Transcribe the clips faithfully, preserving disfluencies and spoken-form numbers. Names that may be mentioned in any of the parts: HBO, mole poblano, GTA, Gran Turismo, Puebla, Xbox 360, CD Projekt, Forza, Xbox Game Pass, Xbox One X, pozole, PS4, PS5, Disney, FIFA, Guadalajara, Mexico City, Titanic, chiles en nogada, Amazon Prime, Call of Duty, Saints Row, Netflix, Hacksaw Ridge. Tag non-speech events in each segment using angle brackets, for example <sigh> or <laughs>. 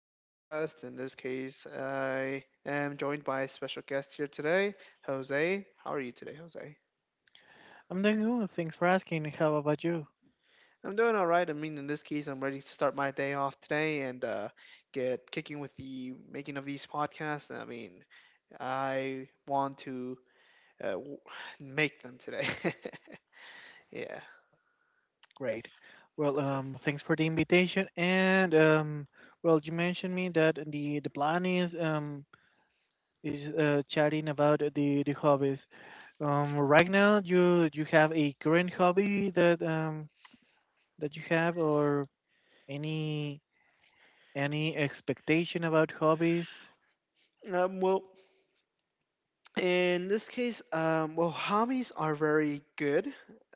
podcast. In this case, I am joined by a special guest here today, Jose. How are you today, Jose? I'm doing good. Thanks for asking. How about you? I'm doing all right. I mean, in this case, I'm ready to start my day off today and uh, get kicking with the making of these podcasts. I mean, I want to uh, w- <sighs> make them today. <laughs> yeah. Great. Well, um, thanks for the invitation. And um, well, you mentioned me that the the plan is um is uh, chatting about the the hobbies. Um, right now, you you have a current hobby that um that you have, or any any expectation about hobbies? So, um, well, In this case, um, well, hobbies are very good.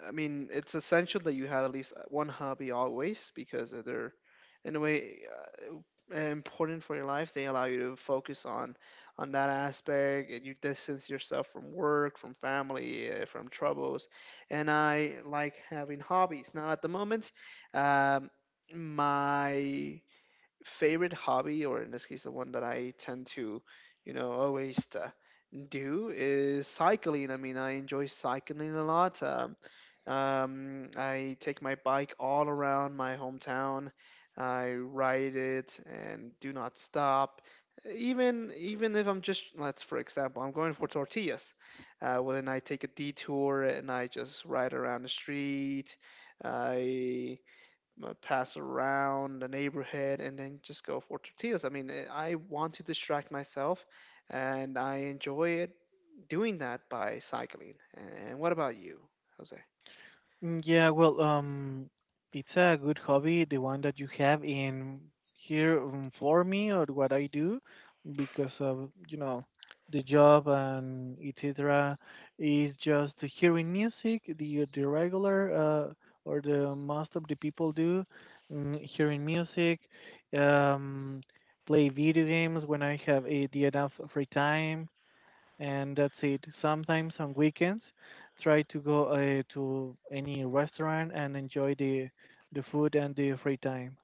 I mean, it's essential that you have at least one hobby always because they're, in a way, uh, important for your life. They allow you to focus on on that aspect, and you distance yourself from work, from family, uh, from troubles. And I like having hobbies. Now, at the moment, um, my favorite hobby, or in this case, the one that I tend to, you know, always uh, do is cycling. I mean, I enjoy cycling a lot. Um, um, I take my bike all around my hometown. I ride it and do not stop. Even even if I'm just, let's for example, I'm going for tortillas. Uh, well, then I take a detour and I just ride around the street. I uh, pass around the neighborhood and then just go for tortillas. I mean, eh, I want to distract myself and I enjoy it doing that by cycling. And and what about you, Jose? Mm, Yeah, well, um, it's a good hobby, the one that you have in here, um, for me or what I do, because of, you know, the job and et cetera is just hearing music, the the regular, uh, or the most of the people do, mm, hearing music, um, play video games when I have a the enough free time, and that's it. Sometimes on weekends, try to go uh, to any restaurant and enjoy the the food and the free time.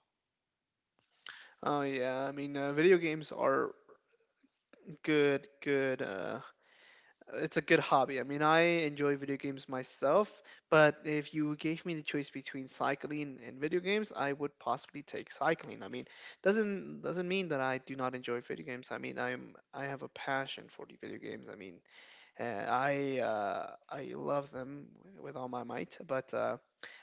Oh yeah, I mean, uh, video games are good, good uh, it's a good hobby. I mean, I enjoy video games myself, but if you gave me the choice between cycling and video games, I would possibly take cycling. I mean, doesn't doesn't mean that I do not enjoy video games. I mean, I'm I have a passion for the video games. I mean, uh, I uh, I love them with all my might, but uh,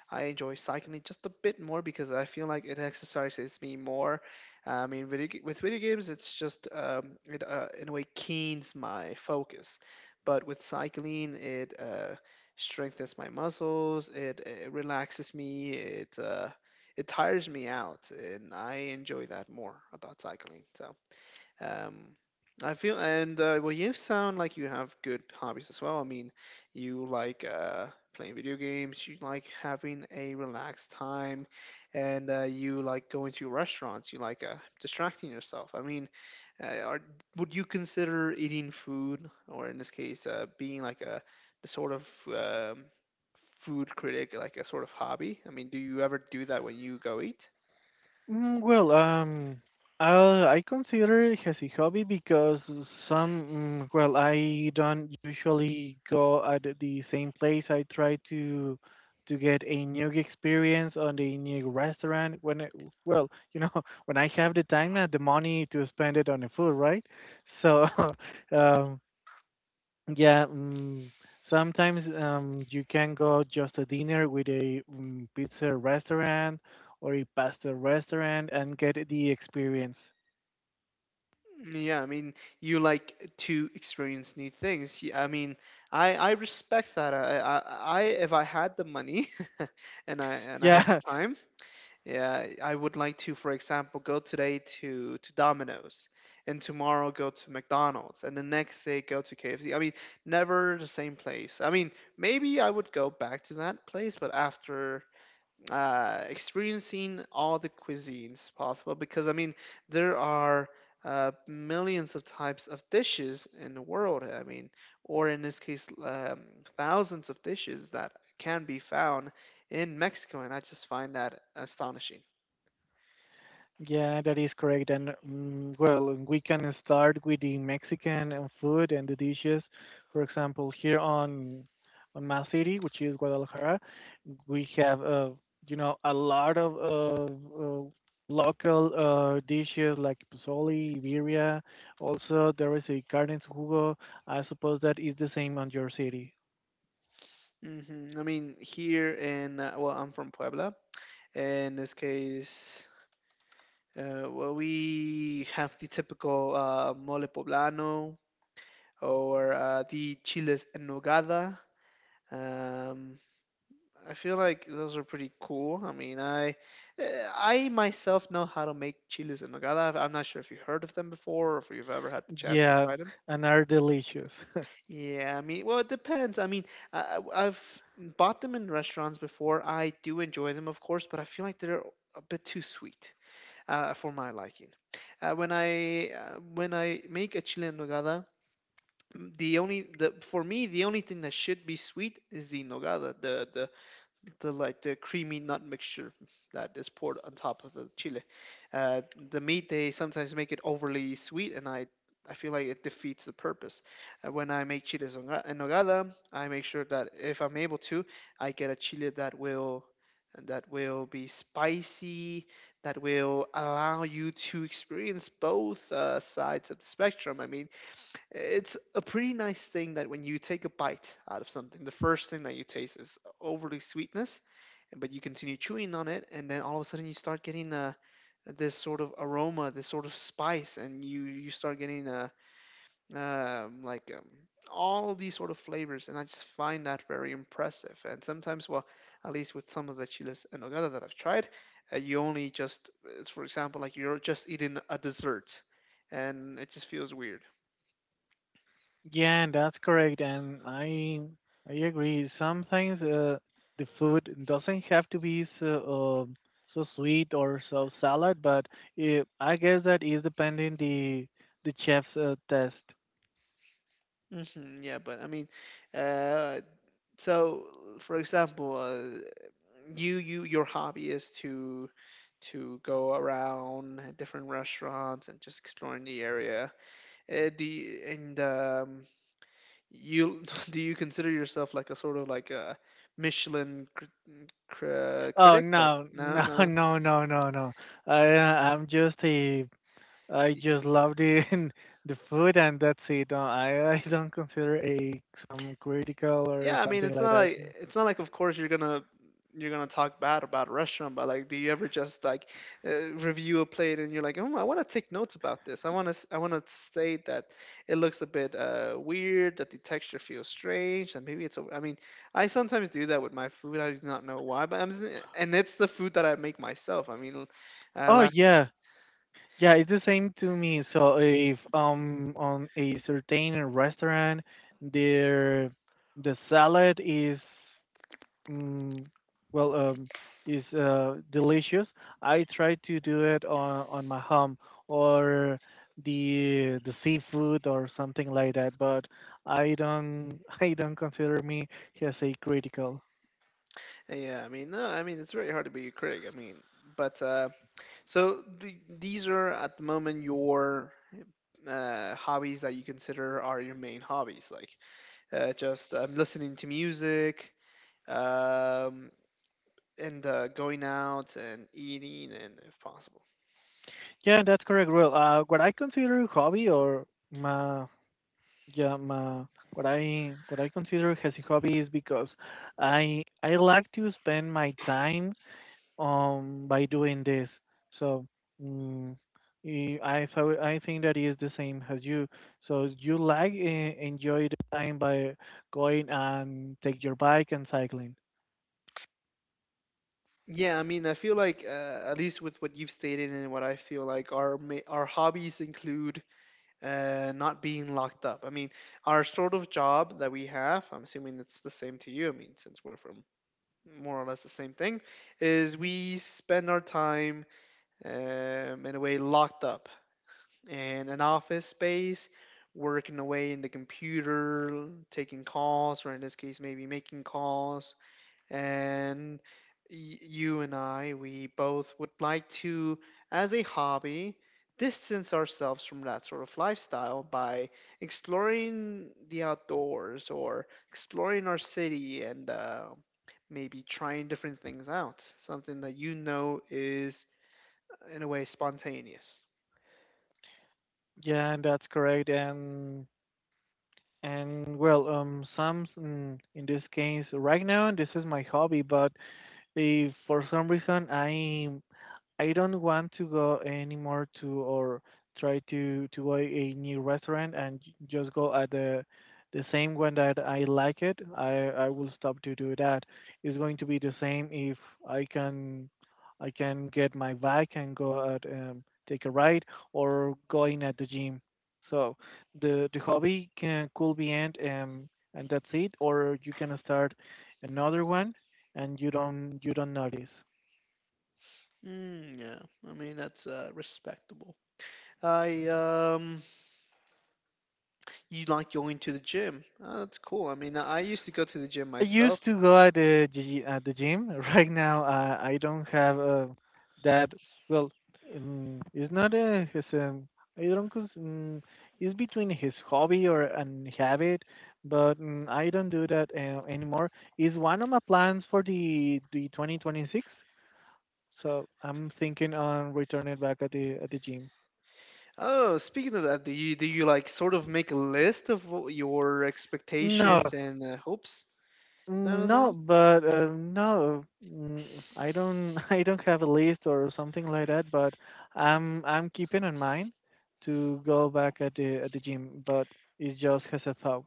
I enjoy cycling just a bit more because I feel like it exercises me more. I mean, video, ga- with video games, it's just um, it uh, in a way keens my focus, but with cycling, it uh, strengthens my muscles. It, it relaxes me. It uh, it tires me out, and I enjoy that more about cycling. So. Um, I feel, and uh, well, you sound like you have good hobbies as well. I mean, you like uh, playing video games, you like having a relaxed time, and uh, you like going to restaurants, you like uh, distracting yourself. I mean, uh, are, would you consider eating food, or in this case, uh, being like a the sort of um, food critic, like a sort of hobby? I mean, do you ever do that when you go eat? Mm, well, um, I'll, I consider it as a hobby because some, mm, well, I don't usually go at the same place. I try to to get a new experience on the new restaurant when I, well, you know, <laughs> when I have the time and the money to spend it on the food, right? So, <laughs> um, yeah, mm, sometimes, um, you can go just a dinner with a, mm, pizza restaurant or a pasta restaurant and get the experience. <laughs> Yeah, I mean, you like to experience new things. Yeah, I mean, I I respect that. I I, I if I had the money <laughs> and I and I had Yeah, the time, yeah, I would like to, for example, go today to to Domino's and tomorrow go to McDonald's and the next day go to K F C. I mean, never the same place. I mean, maybe I would go back to that place, but after uh, experiencing all the cuisines possible because I mean there are uh, millions of types of dishes in the world. I mean, or in this case, um, thousands of dishes that can be found in Mexico, and I just find that astonishing. yeah, that is correct. And mm, well, we can start with the Mexican, uh, food and the dishes. For example, here on on my city, which is Guadalajara, we have, uh, you know a lot of, uh, uh, local, uh, dishes like pozole, birria. Also, there is a carne en su jugo. I suppose that is the same on your city. Hmm I mean, here in uh, well, I'm from Puebla. In this case, uh, well, we have the typical uh, mole poblano or uh, the chiles en nogada. Um, I feel like those are pretty cool. I mean, I eh, I myself know how to make chiles en nogada. I've- I'm not sure if you heard of them before or if you've ever had the chance to Yeah, try them. and are delicious. <laughs> Yeah, I mean, well, it depends. I mean, I, I- I've bought them in restaurants before. I do enjoy them, of course, but I feel like they're a bit too sweet uh, for my liking. Uh, when I uh, when I make a chile en nogada, the only the for me the only thing that should be sweet is the nogada, the the the like the creamy nut mixture that is poured on top of the chile. Uh, the meat they sometimes make it overly sweet, and I I feel like it defeats the purpose. Uh, When I make chiles en en nogada, I make sure that if I'm able to, I get a chile that will that will be spicy, that will allow you to experience both uh, sides of the spectrum. I mean, it's a pretty nice thing that when you take a bite out of something, the first thing that you taste is overly sweetness, but you continue chewing on it, and then all of a sudden you start getting uh, this sort of aroma, this sort of spice, and you you start getting uh, um like um, all these sort of flavors, and I just find that very impressive. And sometimes, well, at least with some of the chiles en nogada that I've tried, uh, you only just, it's for example, like you're just eating a dessert, and it just feels weird. Yeah, that's correct, and I I agree. Sometimes, uh, the food doesn't have to be so, um so sweet or so salad, but it, I guess that is depending the the chef's, uh, test. Hmm Yeah, but I mean, uh, so for example, uh, you you your hobby is to to go around different restaurants and just exploring the area. Uh, do you, and um, you <laughs> do you consider yourself like a sort of like a Michelin cr cr Oh critic? Like no, no, no, <laughs> no. no, no, no, no! I, uh, I'm just a, I just love the <laughs> the food and that's it. Uh, I I don't consider a some critical or Yeah, I mean, something it's like not that. like it's not like of course you're gonna you're gonna talk bad about a restaurant, but like, do you ever just like uh, review a plate and you're like, oh, I want to take notes about this. I want to I want to state that it looks a bit uh, weird, that the texture feels strange, and maybe it's. Over. I mean, I sometimes do that with my food. I do not know why, but I'm s- and it's the food that I make myself. I mean, uh, Oh last yeah, yeah, it's the same to me. So if, um on a certain restaurant, their the salad is, mm, well, um is, uh delicious. I try to do it on on my home or the the seafood or something like that. But I don't <laughs> I don't consider me as a critical. yeah, I mean, no, I mean, it's very hard to be a critic. I mean, but uh, so the, these are at the moment your uh, hobbies that you consider are your main hobbies? Like uh, just um, listening to music, um, and uh, going out and eating, and if possible. Yeah, that's correct. Well, uh, what I consider hobby or my, yeah, ma, what I what I consider as a hobby is because I I like to spend my time, um by doing this. So, mm, eh, I so I think that is the same as you. So you like, eh, enjoy the time by going and take your bike and cycling. Yeah, I mean, I feel like uh, at least with what you've stated and what I feel like our ma- our hobbies include uh, not being locked up. I mean, our sort of job that we have, I'm assuming it's the same to you. I mean, since we're from more or less the same thing, is Mhm. we spend our time um, in a way locked up, in an office space, working away in the computer, taking calls, or in this case, maybe making calls. And y- you and I, we both would like to, as a hobby, distance ourselves from that sort of lifestyle by exploring the outdoors or exploring our city and uh, maybe trying different things out. Something that you know is, in a way, spontaneous. Yeah, and that's correct. And and well, um, some, mm, in this case right now this is my hobby, but if for some reason I I don't want to go anymore to or try to to go a new restaurant and j- just go at the the same one that I like it. I I will stop to do that. It's going to be the same if I can I can get my bike and go out, um take a ride or going at the gym. So the the hobby can could be end, um and that's it or you can start another one and you don't you don't notice. Mm, yeah, I mean that's uh, respectable. I um, you like going to the gym? Oh, that's cool. I mean, I used to go to the gym I myself. used to go at the gy- at the gym. <laughs> Right now, uh, I don't have, uh, that. Well, um, it's not a his. Um, I don't. cons- Um, it's between his hobby or an habit, but, um, I don't do that, uh, anymore. Is one of my plans for the the twenty twenty six. So I'm thinking on returning back at the at the gym. Oh, speaking of that, do you do you like sort of make a list of what your No, expectations and uh, hopes? Da, Mm, da, no, da. but, uh, no, mm, I don't. <laughs> I don't have a list or something like that. But I'm I'm keeping in mind to go back at the at the gym. But it just has a thought.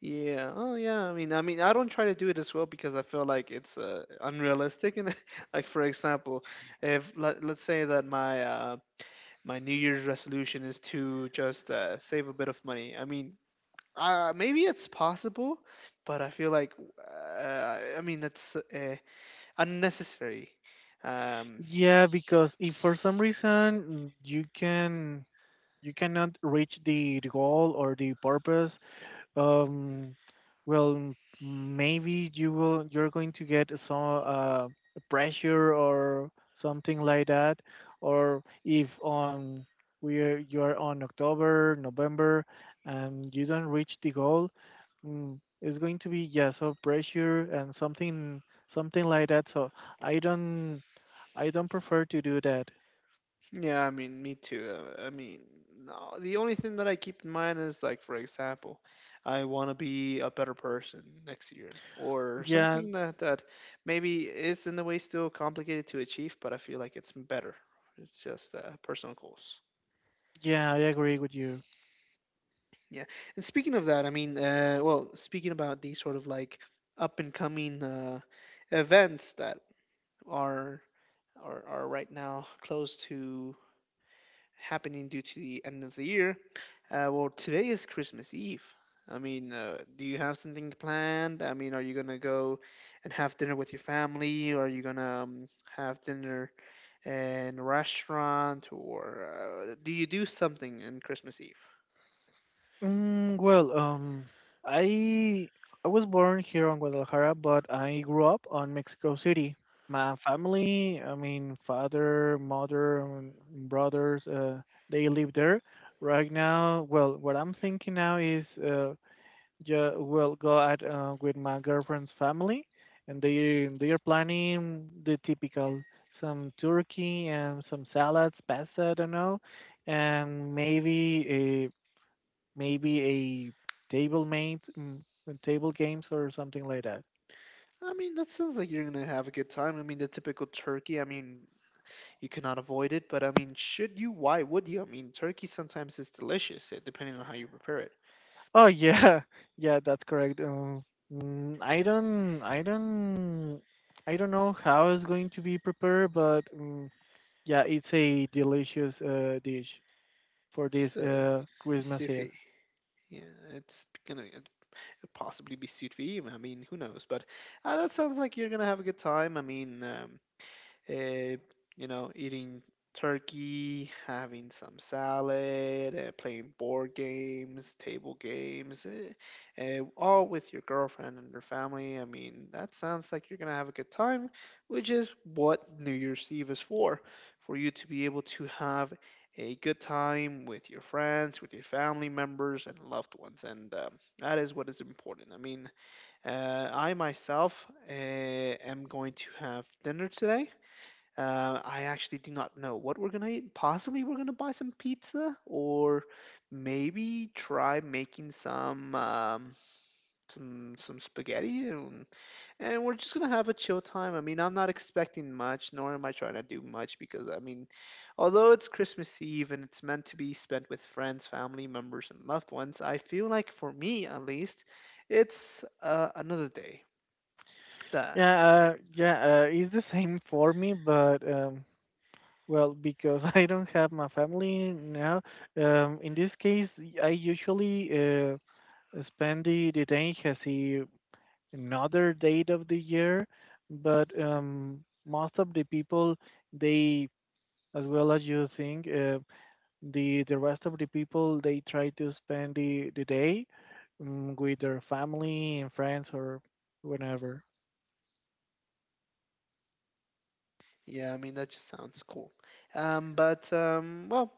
Yeah. Oh, yeah. I mean, I mean, I don't try to do it as well because I feel like it's uh, unrealistic. And <laughs> like, for example, if let, let's say that my uh, my New Year's resolution is to just uh, save a bit of money. I mean, uh, maybe it's possible, but I feel like uh, I mean that's uh, unnecessary. Um, Yeah, because if for some reason, mm, you can you cannot reach the, the goal or the purpose. Um, well, maybe you will. You're going to get some, uh, pressure or something like that, or if on we're you're on October, November, and you don't reach the goal, mm, it's going to be, yeah, so pressure and something something like that. So I don't I don't prefer to do that. yeah, I mean, me too. Uh, I mean, no, the only thing that I keep in mind is like, for example, I want to be a better person next year, or Yeah, something that that maybe is in a way still complicated to achieve, but I feel like it's better. It's just uh, personal goals. yeah, I agree with you. Yeah. And speaking of that, I mean, uh, well, speaking about these sort of like up and coming uh, events that are, are are right now close to happening due to the end of the year. Uh, well, today is Christmas Eve. I mean, uh, do you have something planned? I mean, are you gonna go and have dinner with your family, or are you gonna um, have dinner in a restaurant, or uh, do you do something on Christmas Eve? Mm, well, um, I I was born here on Guadalajara, but I grew up on Mexico City. My family, I mean, father, mother, and brothers, uh, they live there. Right now, well, what I'm thinking now is, uh, ju- well, go out, uh, with my girlfriend's family, and they they are planning the typical some turkey and some salads, pasta, I don't know, and maybe. Maybe a table mate, mm, table games or something like that. I mean, that sounds like you're gonna have a good time. I mean, the typical turkey, I mean, you cannot avoid it, but I mean, should you? Why would you? I mean, turkey sometimes is delicious, uh, depending on how you prepare it. Oh yeah, <laughs> yeah, that's correct. Uh, mm, I don't, I don't, I don't know how it's going to be prepared, but, mm yeah, it's a delicious, uh, dish for this, It's uh, uh, Christmas Eve. sufi. Yeah, it's gonna possibly be sufi. I mean, who knows? But uh, That sounds like you're gonna have a good time. I mean, um, uh, you know, Eating turkey, having some salad, uh, playing board games, table games, eh, eh, all with your girlfriend and your family. I mean, that sounds like you're gonna have a good time, which is what New Year's Eve is for, for you to be able to have a good time with your friends, with your family members and loved ones, and um, that is what is important. I mean, uh, I myself uh, am going to have dinner today. uh, I actually do not know what we're gonna eat. Possibly we're gonna buy some pizza, or maybe try making some um, some some spaghetti, and, and we're just gonna have a chill time. I mean, I'm not expecting much, nor am I trying to do much because I mean, although it's Christmas Eve and it's meant to be spent with friends, family members, and loved ones, I feel like for me at least, it's uh, another day. Duh. Yeah, uh, yeah, uh, it's the same for me, but, um, well, because <laughs> I don't have my family now. Um, in this case, I usually, uh, Spendy Detaich has a another date of the year, but, um, most of the people they as well as you think, uh, the the rest of the people they try to spend the, the day, um, with their family and friends or whenever. Yeah, I mean that just sounds cool. Um, but um, well.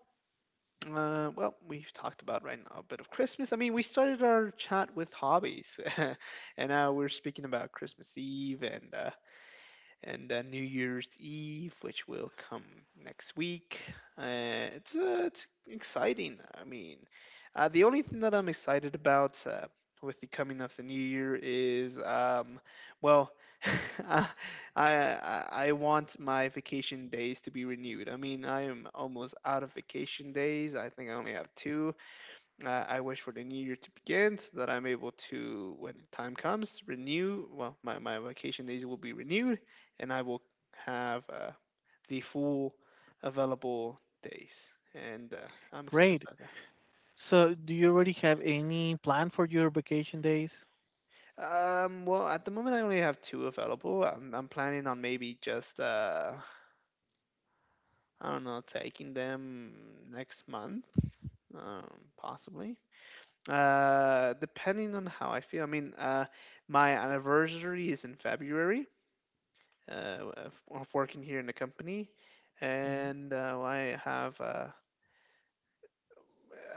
Uh, well, we've talked about right now a bit of Christmas. I mean, we started our chat with hobbies, <laughs> and now we're speaking about Christmas Eve and uh, and then New Year's Eve, which will come next week. Uh, it's uh, it's exciting. I mean, uh, the only thing that I'm excited about uh, with the coming of the new year is, um, well, <laughs> I, I I want my vacation days to be renewed. I mean, I am almost out of vacation days. I think I only have two. I I wish for the new year to begin so that I'm able to, when time comes, renew. Well, my, my vacation days will be renewed and I will have uh, the full available days. And uh, I'm excited Great. about that. So do you already have any plan for your vacation days? Um, well, at the moment, I only have two available. I'm, I'm planning on maybe just, uh, I don't know, taking them next month, um, possibly. Uh, depending on how I feel. I mean, uh, my anniversary is in February uh, of, of working here in the company, Mm. and uh, I have uh,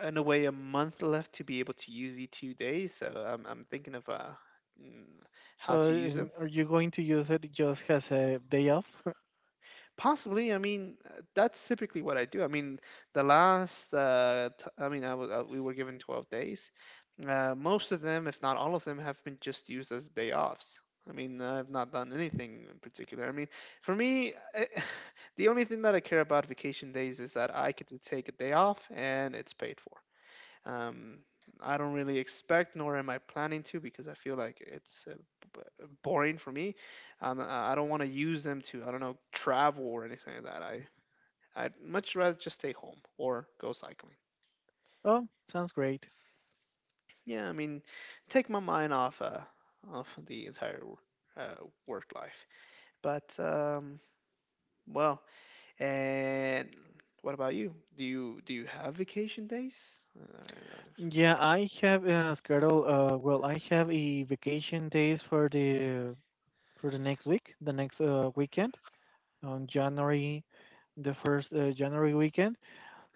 in a way a month left to be able to use E two days. So I'm I'm thinking of uh, mm, So, how to use them. um, are you going to use it just as a day off? <laughs> Possibly. I mean, uh, that's typically what I do. I mean, the last, uh, t- I mean, I was, uh, we were given twelve days. Uh, most of them, if not all of them, have been just used as day offs. I mean, I've not done anything in particular. I mean, for me, I, <laughs> the only thing that I care about vacation days is that I get to take a day off and it's paid for. Um, I don't really expect, nor am I planning to, because I feel like it's uh, b- uh, boring for me. Um, I I don't want to use them to, I don't know, travel or anything like that. I I'd much rather just stay home or go cycling. Oh, sounds great. Yeah, I mean, take my mind off uh, off the entire uh, work life. But um, well, and what about you? Do you do you have vacation days? Uh, uh, Yeah, I have a schedule. Uh, well, I have a vacation days for the for the next week, the next, uh, weekend on January, the first, uh, January weekend.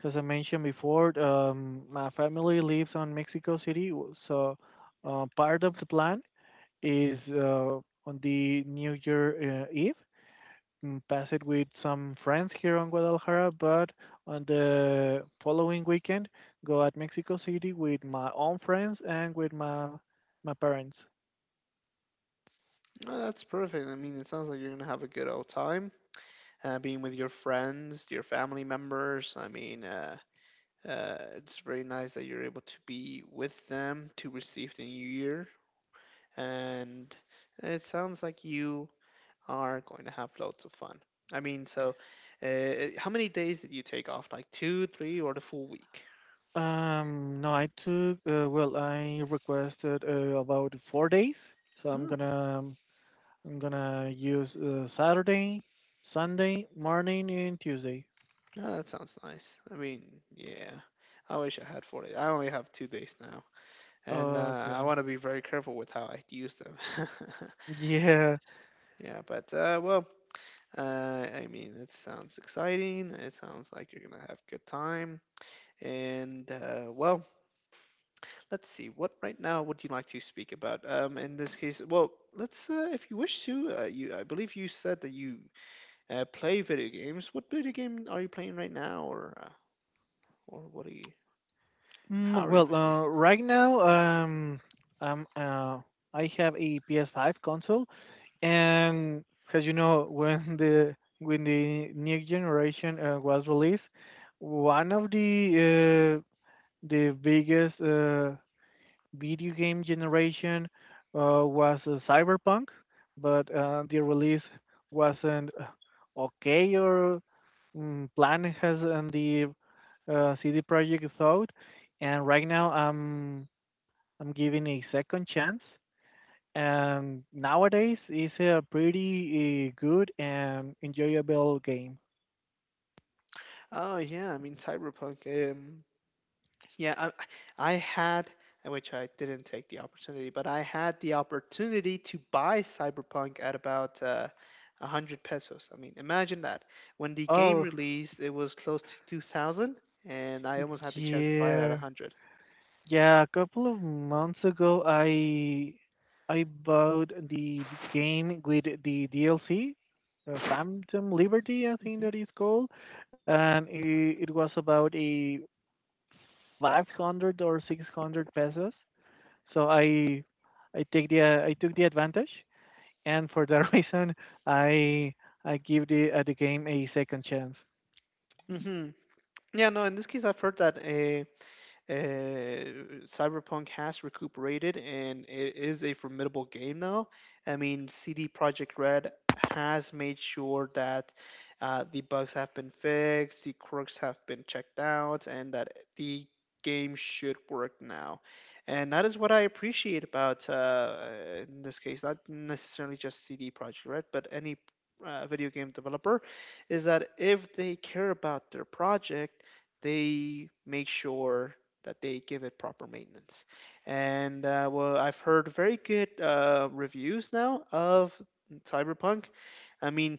As I mentioned before, um, my family lives on Mexico City, w- so, uh, part of the plan is, uh, on the New Year, uh, Eve, mm, pass it with some friends here on Guadalajara, but on the following weekend, go at Mexico City with my own friends and with my my parents. oh, that's perfect. I mean, it sounds like you're gonna have a good old time, uh, being with your friends, your family members. I mean, uh, uh, it's very nice that you're able to be with them to receive the new year. And it sounds like you are going to have loads of fun. I mean, so uh, uh, how many days did you take off? Like two, three, or the full week? Um, no, I took, uh, well, I requested, uh, about four days, so I'm Oh, gonna I'm gonna use, uh, Saturday, Sunday morning, and Tuesday. yeah, that sounds nice. I mean, yeah. I wish I had forty. I only have two days now. And uh, I Okay. want to be very careful with how I use them. <laughs> Yeah. Yeah, but uh, well, Uh, I mean, it sounds exciting. It sounds like you're gonna have a good time. And uh, well, let's see. What right now would you like to speak about? Um, in this case, well, let's uh, if you wish to. Uh, you, I believe you said that you uh, play video games. What video game are you playing right now, or uh, or what are you? Mm, How are you well, playing? uh, right now, um, um, uh, I have a P S five console. And because you know when the when the new generation, uh, was released, one of the uh, the biggest, uh, video game generation, uh, was, uh, Cyberpunk, but, uh, the release wasn't, uh, okay or, mm, planned as, um, the, uh, C D Projekt thought. And right now I'm I'm giving a second chance and nowadays it's a pretty, uh, good and enjoyable game. Oh yeah, I mean Cyberpunk. Um, Yeah, I, I had, which I didn't take the opportunity, but I had the opportunity to buy Cyberpunk at about uh, one hundred pesos. I mean, imagine that. When the game Oh, released, it was close to two thousand, and I almost had the chance to buy it at yeah. one hundred. Yeah, a couple of months ago I I bought the b- game with the D L C, uh, Phantom Liberty, I think Mm-hmm. that is called, and it, it was about a five hundred or six hundred pesos. So I I take the uh, I took the advantage and for that <laughs> reason, I I give the uh, the game a second chance. Hmm. Yeah, no, in this case, I've heard that eh, Uh, Cyberpunk has recuperated and it is a formidable game now. I mean, C D Projekt Red has made sure that uh, the bugs have been fixed, the quirks have been checked out, and that the game should work now. And that is what I appreciate about, uh, uh, in this case, not necessarily just C D Projekt Red, but any uh, video game developer, is that if they care about their project, they make sure that they give it proper maintenance. And uh, well, I've heard very good uh, reviews now of Cyberpunk. I mean,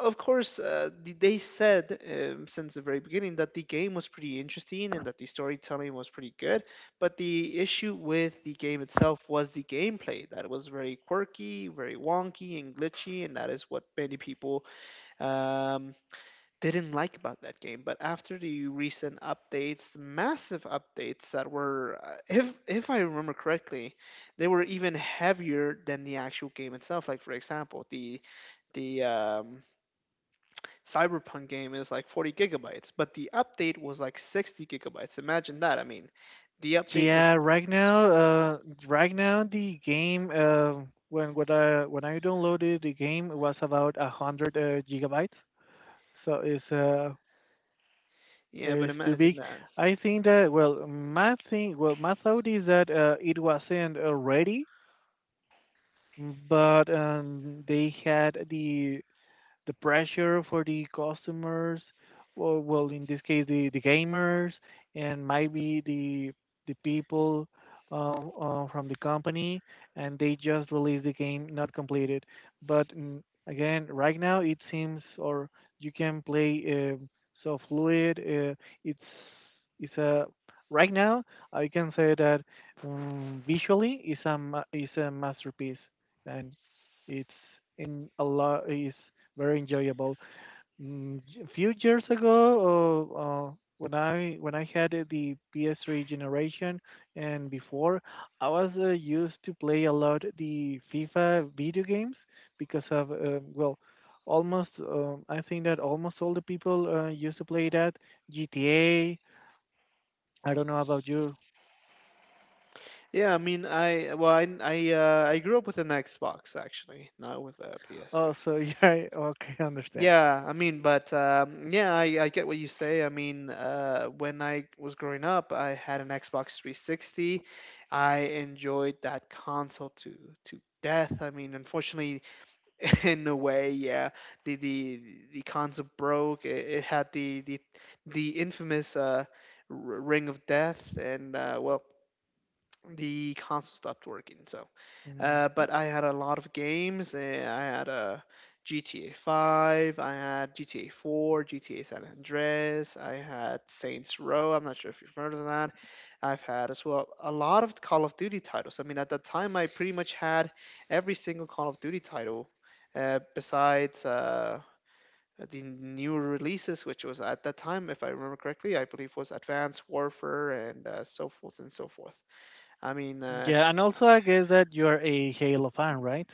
of course, uh, th- they said um, since the very beginning that the game was pretty interesting and that the storytelling was pretty good. But the issue with the game itself was the gameplay that it was very quirky, very wonky, and glitchy, and that is what many people um, didn't like about that game. But after the recent updates, massive updates that were, uh, if if I remember correctly, they were even heavier than the actual game itself. Like for example, the the um, Cyberpunk game is like forty gigabytes, but the update was like sixty gigabytes. Imagine that. I mean, the update was. Yeah, right now, uh, right now the game, uh, when when I when I downloaded the game was about a hundred, uh, gigabytes, so it's uh Yeah, but it's too imagine big. that. I think that well, my thing, well, my thought is that, uh, it wasn't, uh, ready, but, um, they had the the pressure for the customers, or well, in this case, the, the gamers, and maybe the the people, uh, uh, from the company, and they just release the game not completed. But, mm, again, right now it seems, or you can play, um so fluid. Uh, it's it's a right now I can say that, um, visually is a, ma- is a masterpiece, and it's in a lot is very enjoyable. Mm, j- A few years ago, uh, uh, when I when I had, uh, the P S three generation and before, I was, uh, used to play a lot the FIFA video games because of, uh, well, almost, uh, I think that almost all the people, uh, used to play that G T A. I don't know about you. Yeah, I mean, I well, I I, uh, I grew up with an Xbox actually, not with a Oh, P S three. so <laughs> yeah, okay, I understand. Yeah, I mean, but um, yeah, I, I get what you say. I mean, uh, when I was growing up, I had an Xbox three sixty. I enjoyed that console to to death. I mean, unfortunately, <laughs> in a way, yeah, the the the console broke. It, it had the the the infamous uh, r- Ring of Death, and uh, well, the console stopped working. So. Uh, Mhm. But I had a lot of games. uh, I had a G T A five, I had G T A four, G T A San Andreas, I had Saints Row. I'm not sure if you've heard of that. I've had as well a lot of Call of Duty titles. I mean, at that time, I pretty much had every single Call of Duty title uh, besides. Uh, the new releases, which was at that time, if I remember correctly, I believe was Advanced Warfare and uh, so forth and so forth. I mean, uh, Yeah, and also I guess that you're a Halo fan, right?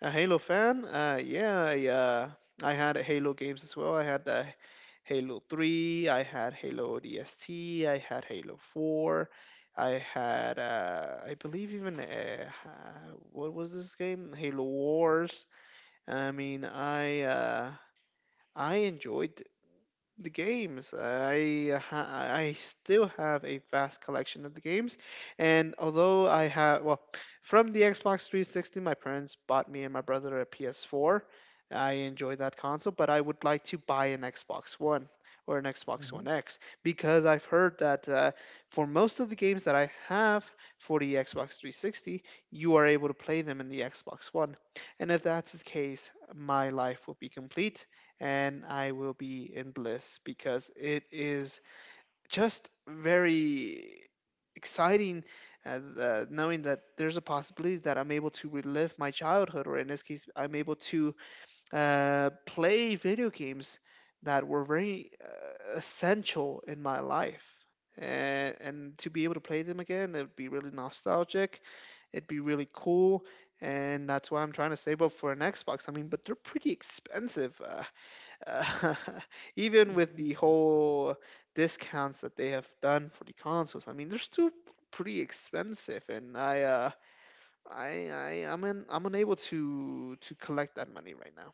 A Halo fan? Uh, yeah, I, uh, I had Halo games as well. I had uh, Halo three, I had Halo O D S T, I had Halo four, I had, uh, I believe even, uh, ha- what was this game? Halo Wars. I mean, I, uh, I enjoyed the games. I ha- I still have a vast collection of the games, and although I have well, from the Xbox three sixty, my parents bought me and my brother a P S four. I enjoy that console, but I would like to buy an Xbox One or an Xbox One X because I've heard that uh, for most of the games that I have for the Xbox three sixty, you are able to play them in the Xbox One, and if that's the case, my life will be complete and I will be in bliss because it is just very exciting, uh, the, knowing that there's a possibility that I'm able to relive my childhood, or in this case, I'm able to uh, play video games that were very uh, essential in my life. And, and to be able to play them again, it would be really nostalgic. It'd be really cool. And that's why I'm trying to save up for an Xbox. I mean, but they're pretty expensive. Uh, uh, <laughs> Even with the whole discounts that they have done for the consoles, I mean they're still pretty expensive, and I uh, I I I'm in, I'm unable to to collect that money right now.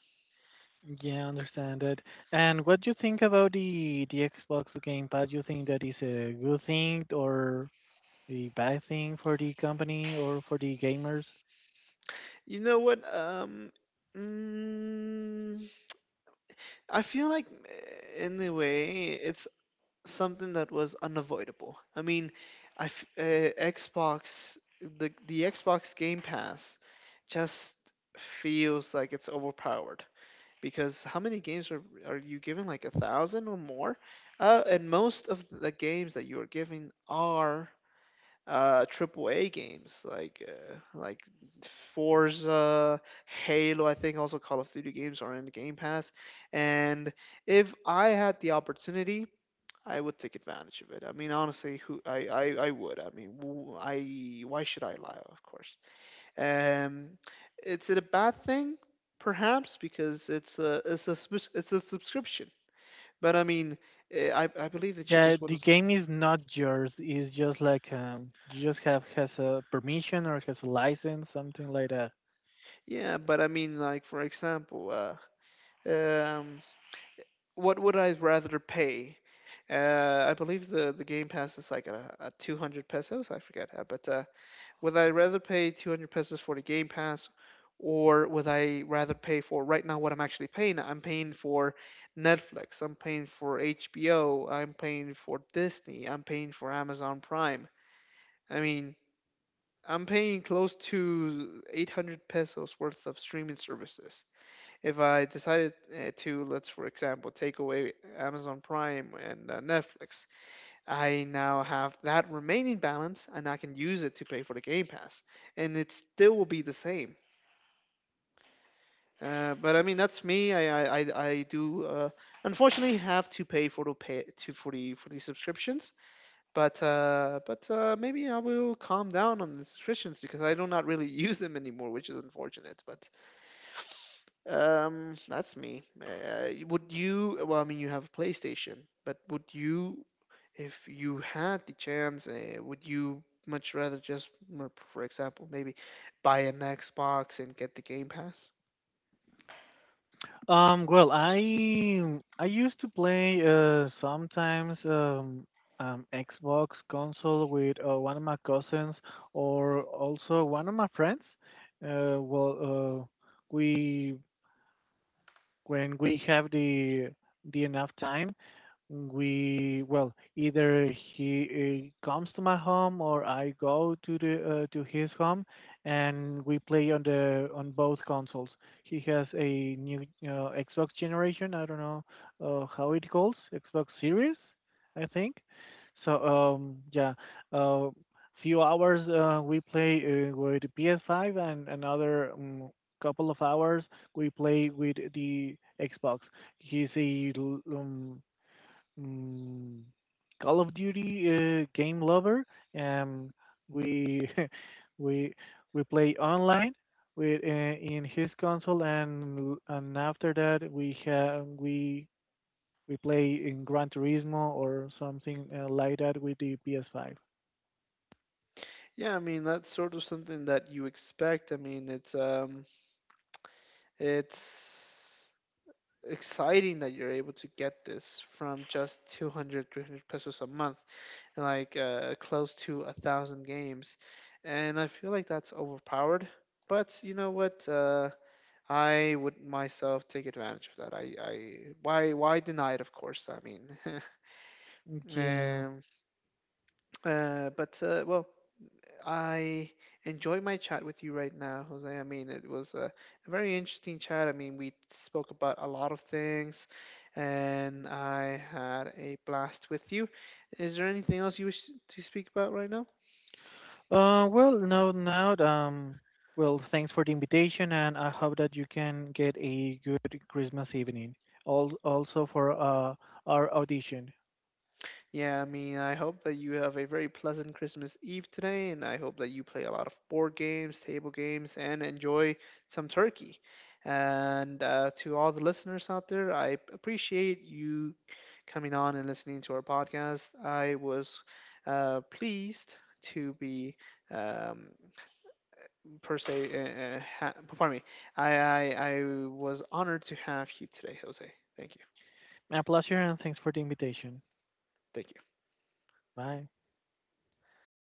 Yeah, understand it. And what do you think about the the Xbox Game Pass? Do you think that is a good thing or a bad thing for the company or for the gamers? You know what? Um, mm, I feel like eh, in a way it's something that was unavoidable. I mean, I f- uh, Xbox the the Xbox Game Pass just feels like it's overpowered because how many games are are you given? Like a thousand or more? Uh, and most of the games that you are giving are uh triple A games like uh, like Forza, Halo. I think also Call of Duty games are in the Game Pass. And if I had the opportunity, I would take advantage of it. I mean, honestly, who I I, I would. I mean, w- I why should I lie? Of course. Um, is it a bad thing? Perhaps because it's a it's a subs- it's a subscription. But I mean, eh, I I believe the Yeah, cheapest one the is game is not yours. It's just like, um, you just have has a permission or has a license, something like that. yeah. But I mean, like for example, uh, um, what would I rather pay? Uh, I believe the the Game Pass is like at, a, at two hundred pesos. I forget, uh, but uh, would I rather pay two hundred pesos for the Game Pass or would I rather pay for right now what I'm actually paying? I'm paying for Netflix, I'm paying for H B O, I'm paying for Disney, I'm paying for Amazon Prime. I mean, I'm paying close to eight hundred pesos worth of streaming services. If I decided uh, to, let's for example, take away Amazon Prime and uh, Netflix, I now have that remaining balance and I can use it to pay for the Game Pass, and it still will be the same. Uh, but I mean, that's me. I I, I, I do uh, unfortunately have to pay for the pay to for the for the subscriptions. But uh, but uh, Maybe I will calm down on the subscriptions because I do not really <laughs> use them anymore, which is unfortunate. But um, That's me. Uh, would you? Well, I mean, you have a PlayStation, but would you if you had the chance, uh, would you much rather just, m- for example, maybe buy an Xbox and get the Game Pass? Um, well, I I used to play, uh sometimes, um um Xbox console with, uh, one of my cousins or also one of my friends. Uh, well, uh, we when we have the the enough time, we, well, either he, uh, comes to my home or I go to the uh, to his home and we play on the on both consoles. He has a new, uh, Xbox generation. I don't know, uh, how it calls Xbox Series, I think. So, um yeah, uh, few hours, uh, we play, uh, with P S five and another. Um, couple of hours we play with the Xbox. He's a, l- um, Mm, Call of Duty, uh, game lover. Um, we <laughs> we we play online with, uh, in his console, and and after that we have we we play in Gran Turismo or something, uh, like that with the P S five. Yeah, I mean that's sort of something that you expect. I mean it's um it's exciting that you're able to get this from just two hundred, three hundred pesos a month like uh, close to a thousand games, and I feel like that's overpowered, but you know what, uh, I would myself take advantage of that. I, I why why deny it? Of course, I mean, <laughs> Yeah. um, uh, but uh, well, I enjoy my chat with you right now, Jose. I mean, it was a, a very interesting chat. I mean, we spoke about a lot of things, and I had a blast with you. Is there anything else you wish to speak about right now? Uh, well, no, now, um, well, thanks for the invitation, and I hope that you can get a good Christmas evening. Al- Also for, uh, our audition. Yeah, I mean, I hope that you have a very pleasant Christmas Eve today, and I hope that you play a lot of board games, table games, and enjoy some turkey. And uh, to all the listeners out there, I appreciate you coming on and listening to our podcast. I was uh, pleased to be, um, per se, uh, uh, ha- pardon me, I, I, I was honored to have you today, Jose. Thank you. A pleasure and thanks for the invitation. Thank you. Bye.